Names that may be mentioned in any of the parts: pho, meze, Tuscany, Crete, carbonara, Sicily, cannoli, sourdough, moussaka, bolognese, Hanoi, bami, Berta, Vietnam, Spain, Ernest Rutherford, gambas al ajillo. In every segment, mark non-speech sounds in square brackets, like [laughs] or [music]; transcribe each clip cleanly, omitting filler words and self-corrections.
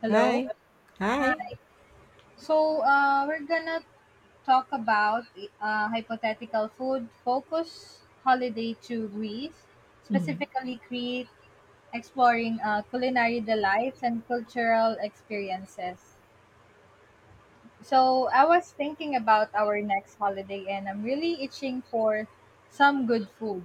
Hello. Hi. Hi. Hi. We're gonna talk about hypothetical food focus holiday to Greece, Mhm. specifically Crete, exploring culinary delights and cultural experiences. So, I was thinking about our next holiday, and I'm really itching for some good food.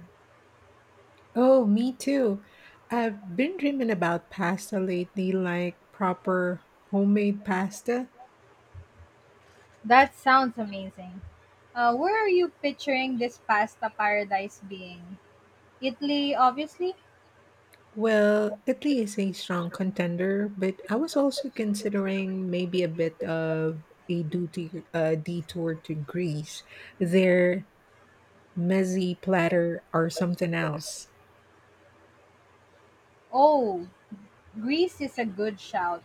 Oh, me too. I've been dreaming about pasta lately, like proper homemade pasta. That sounds amazing. Where are you picturing this pasta paradise being? Italy, obviously. Well, Italy is a strong contender, but I was also considering maybe a bit of a duty, detour to Greece. Their mezzi platter or something else. Oh, Greece is a good shout.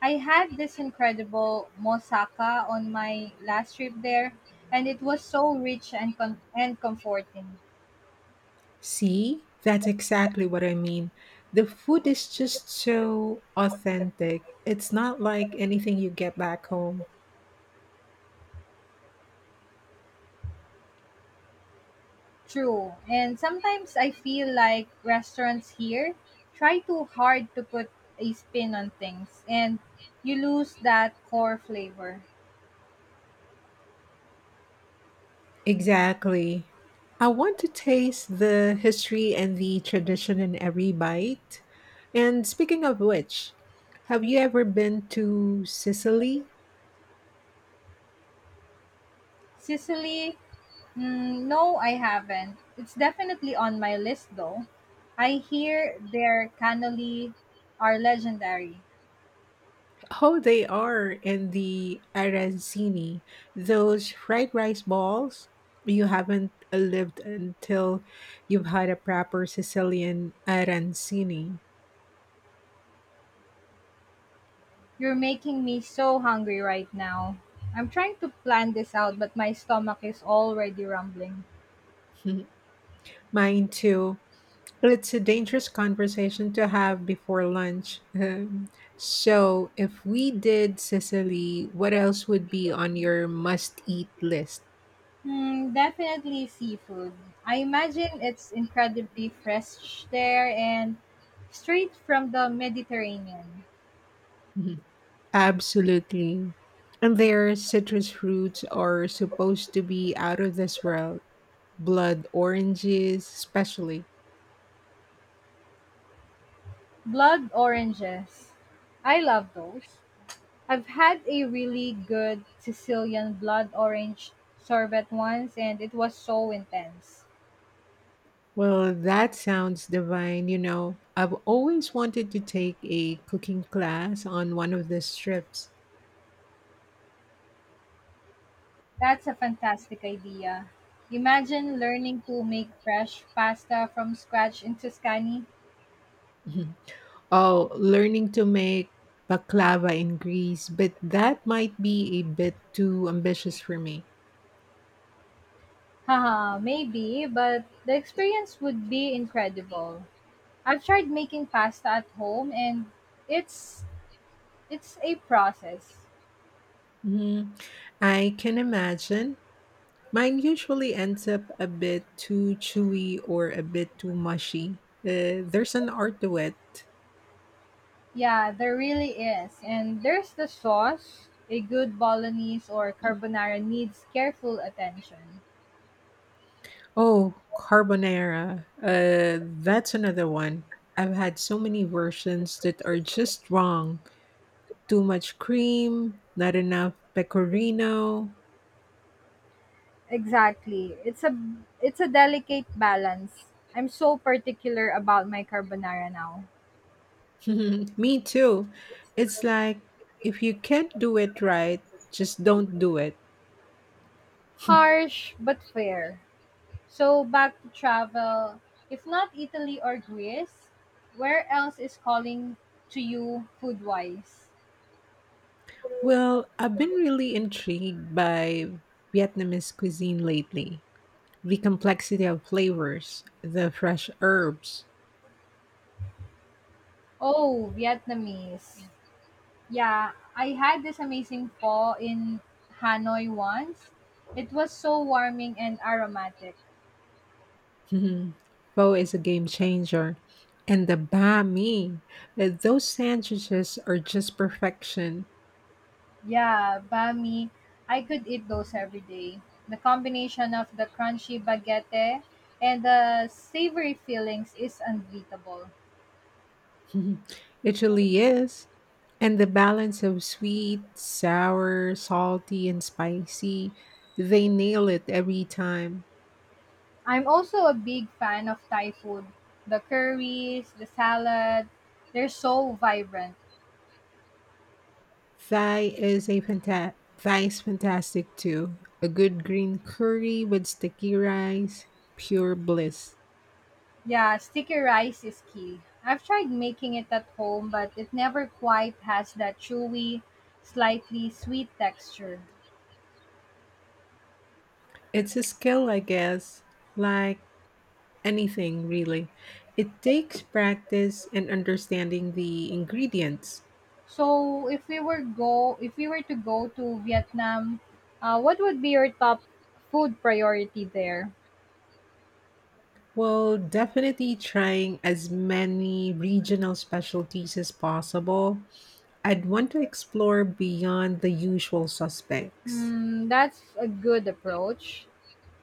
I had this incredible moussaka on my last trip there, and it was so rich and and comforting. See, that's exactly what I mean. The food is just so authentic. It's not like anything you get back home. True, and sometimes I feel like restaurants here try too hard to put a spin on things, and you lose that core flavor. Exactly. I want to taste the history and the tradition in every bite. And speaking of which, have you ever been to Sicily? Sicily, no, I haven't. It's definitely on my list though. I hear their cannoli are legendary. Oh, they are in the arancini, those fried rice balls. You haven't lived until you've had a proper Sicilian arancini. You're making me so hungry right now. I'm trying to plan this out, but my stomach is already rumbling. [laughs] Mine too. It's a dangerous conversation to have before lunch. [laughs] So, if we did Sicily, what else would be on your must eat list? Hmm, definitely seafood. I imagine it's incredibly fresh there and straight from the Mediterranean. [laughs] Mhm. Absolutely. And their citrus fruits are supposed to be out of this world. Blood oranges, especially. Blood oranges. I love those. I've had a really good Sicilian blood orange sorbet once and it was so intense. Well, that sounds divine. I've always wanted to take a cooking class on one of these trips. That's a fantastic idea. Imagine learning to make fresh pasta from scratch in Tuscany. Mhm. [laughs] Oh, learning to make baklava in Greece, but that might be a bit too ambitious for me. [laughs] Haha, maybe, but the experience would be incredible. I've tried making pasta at home and it's it's a process. Mhm. I can imagine. Mine usually ends up a bit too chewy or a bit too mushy. There's an art to it. Yeah, there really is. And there's the sauce. A good bolognese or carbonara needs careful attention. Oh, carbonara. That's another one. I've had so many versions that are just wrong. Too much cream, not enough pecorino. Exactly. It's a delicate balance. I'm so particular about my carbonara now. [laughs] Me too. It's like if you can't do it right, just don't do it. Harsh but fair. So back to travel. If not Italy or Greece, where else is calling to you food wise? Well, I've been really intrigued by Vietnamese cuisine lately. The complexity of flavors, the fresh herbs. Oh, Vietnamese. Yeah, I had this amazing pho in Hanoi once. It was so warming and aromatic. Mhm. Pho is a game changer. And the banh mi, those sandwiches are just perfection. [laughs] Yeah, bami. I could eat those every day. The combination of the crunchy baguette and the savory fillings is unbeatable. Mhm. It really is. And the balance of sweet, sour, salty, and spicy, they nail it every time. I'm also a big fan of Thai food. The curries, the salad, they're so vibrant. Thai is fantastic too. A good green curry with sticky rice, pure bliss. Yeah, sticky rice is key. I've tried making it at home, but it never quite has that chewy, slightly sweet texture. It's a skill, I guess. Like anything, really. It takes practice and understanding the ingredients. So if we were to go to Vietnam, what would be your top food priority there? Well, definitely trying as many regional specialties as possible. I'd want to explore beyond the usual suspects. Hmm, that's a good approach.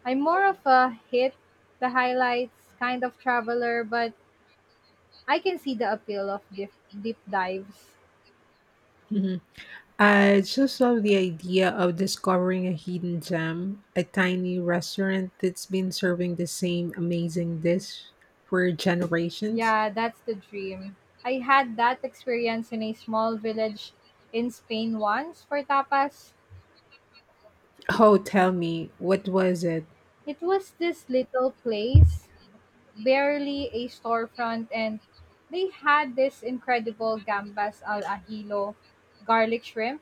I'm more of a hit the highlights kind of traveler, but I can see the appeal of deep, deep dives. Mhm. I just love the idea of discovering a hidden gem, a tiny restaurant that's been serving the same amazing dish for generations. Yeah, that's the dream. I had that experience in a small village in Spain once for tapas. Oh, tell me, what was it? It was this little place, barely a storefront, and they had this incredible gambas al ajillo, garlic shrimp.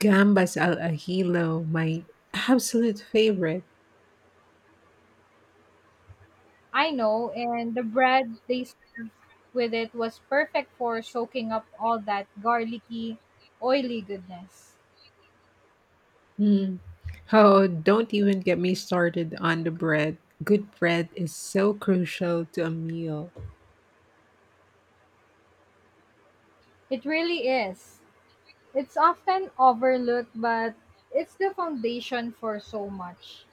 Gambas al ajillo, my absolute favorite. I know, and the bread they served with it was perfect for soaking up all that garlicky, oily goodness. Mm. Oh, don't even get me started on the bread. Good bread is so crucial to a meal. It really is. It's often overlooked, but it's the foundation for so much.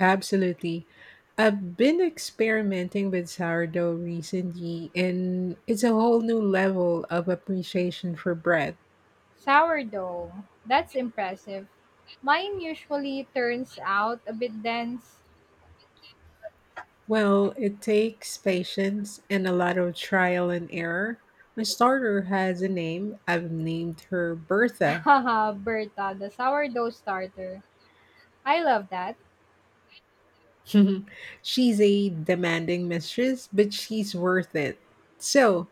Absolutely. I've been experimenting with sourdough recently, and it's a whole new level of appreciation for bread. Sourdough, that's impressive. Mine usually turns out a bit dense. Well, it takes patience and a lot of trial and error. My starter has a name. I've named her Bertha. Haha, Berta, the sourdough starter. I love that. [laughs] She's a demanding mistress, but she's worth it. So,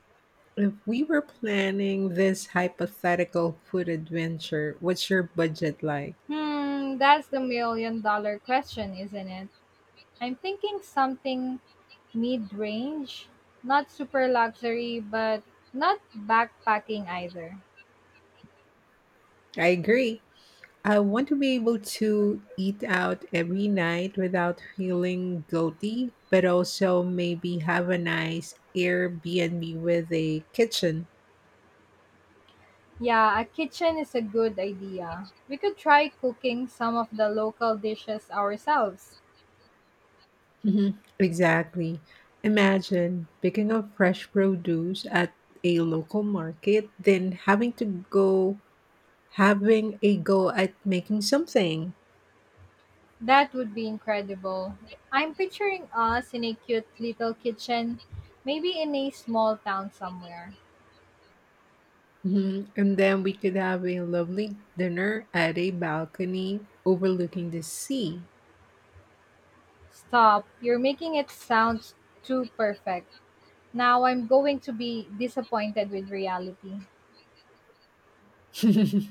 if we were planning this hypothetical food adventure, what's your budget like? Hmm, that's the million dollar question, isn't it? I'm thinking something mid range. Not super luxury, but not backpacking either. I agree. I want to be able to eat out every night without feeling guilty, but also maybe have a nice Airbnb with a kitchen. Yeah, a kitchen is a good idea. We could try cooking some of the local dishes ourselves. Mhm. Exactly. Imagine picking up fresh produce at a local market, then having to go having a go at making something. That would be incredible. I'm picturing us in a cute little kitchen, maybe in a small town somewhere. Mhm. And then we could have a lovely dinner at a balcony overlooking the sea. Stop. You're making it sound too perfect. Now I'm going to be disappointed with reality. [laughs]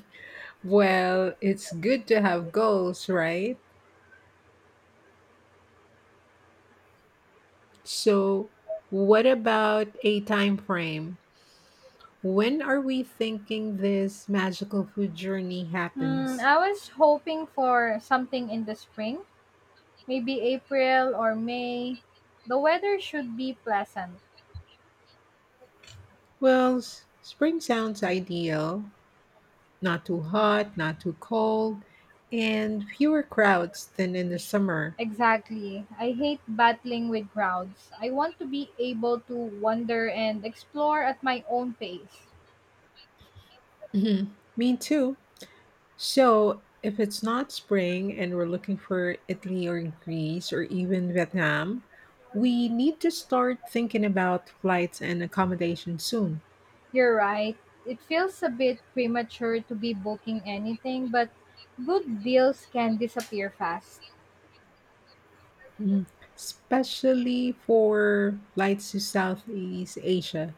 Well, it's good to have goals, right? So, what about a time frame? When are we thinking this magical food journey Hmm, happens? I was hoping for something in the spring, maybe April or May. The weather should be pleasant. Well, spring sounds ideal. Not too hot, not too cold, and fewer crowds than in the summer. Exactly. I hate battling with crowds. I want to be able to wander and explore at my own pace. Mhm. Me too. So, if it's not spring and we're looking for Italy or Greece or even Vietnam, we need to start thinking about flights and accommodation soon. You're right. It feels a bit premature to be booking anything, but good deals can disappear fast. Mhm. Especially for flights to Southeast Asia.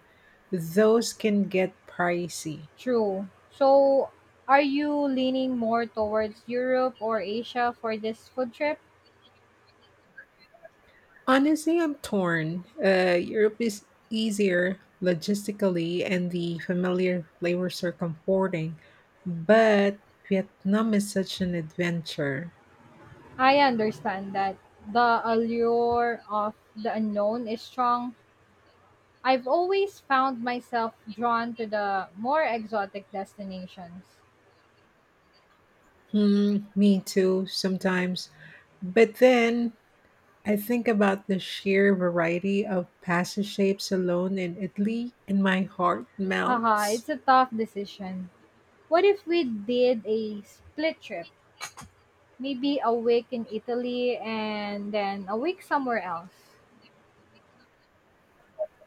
Those can get pricey. True. So, are you leaning more towards Europe or Asia for this food trip? Honestly, I'm torn. Europe is easier logistically, and the familiar flavors are comforting, but Vietnam is such an adventure. I understand that the allure of the unknown is strong. I've always found myself drawn to the more exotic destinations. Hmm, me too, sometimes. But then I think about the sheer variety of pasta shapes alone in Italy, and my heart Haha, melts. it's a tough decision. What if we did a split trip? Maybe a week in Italy and then a week somewhere else.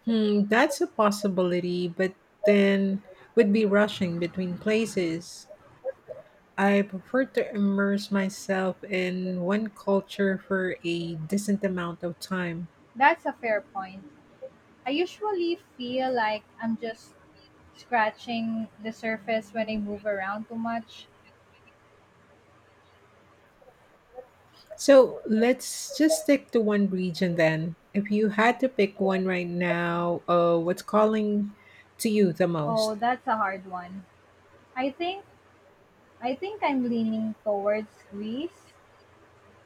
Hmm, that's a possibility, but then would be rushing between places. I prefer to immerse myself in one culture for a decent amount of time. That's a fair point. I usually feel like I'm just scratching the surface when I move around too much. So let's just stick to one region then. If you had to pick one right now, what's calling to you the Oh, most? that's a hard one. I think I think I'm leaning towards Greece.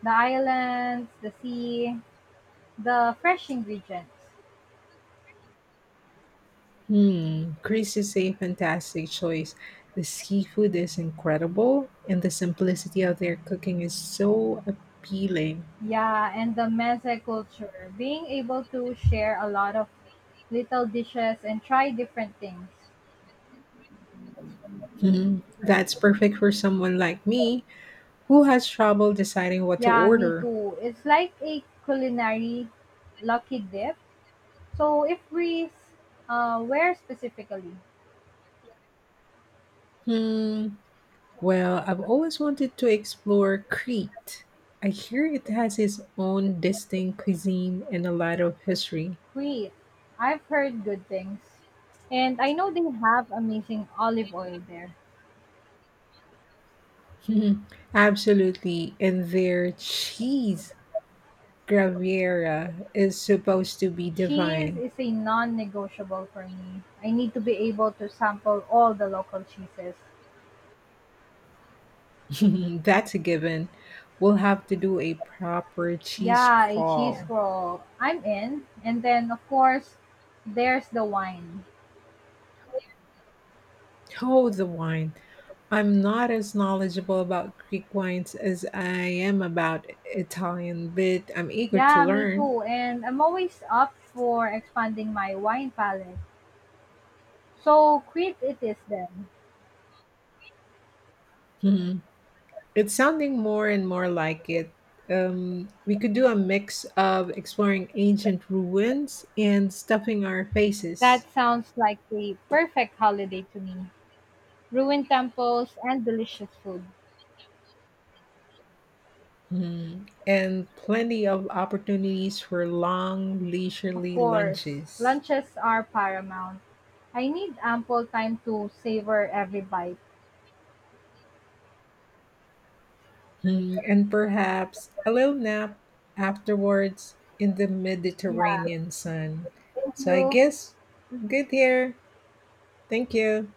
The islands, the sea, the fresh ingredients. Hmm, Greece is a fantastic choice. The seafood is incredible, and the simplicity of their cooking is so appealing. Yeah, and the meze culture. Being able to share a lot of little dishes and try different things. Hmm, that's perfect for someone like me who has trouble deciding what to Yeah, me order. too. It's like a culinary lucky dip. So if Greece, where specifically? Hmm. Well, I've always wanted to explore Crete. I hear it has its own distinct cuisine and a lot of history. [laughs] Crete. I've heard good things. And I know they have amazing olive oil there. Hmm, absolutely. And their cheese, Graviera, is supposed to be Cheese divine. is a non negotiable for me. I need to be able to sample all the local cheeses. [laughs] That's a given. We'll have to do a proper cheese Yeah, a cheese crawl. roll. I'm in. And then, of course, there's the wine. Oh, the wine. I'm not as knowledgeable about Greek wines as I am about Italian, but I'm eager to Yeah, me learn. too. And I'm always up for expanding my wine palette. So, Crete it is then. Mhm. It's sounding more and more like it. We could do a mix of exploring ancient ruins and stuffing our faces. That sounds like the perfect holiday to me. Ruined temples and delicious food. Mhm. And plenty of opportunities for long, Of leisurely course, lunches. lunches are paramount. I need ample time to savor every bite. Mhm. And perhaps a little nap afterwards in the Yeah, Mediterranean sun. thank So I you. guess we're good here. Thank you.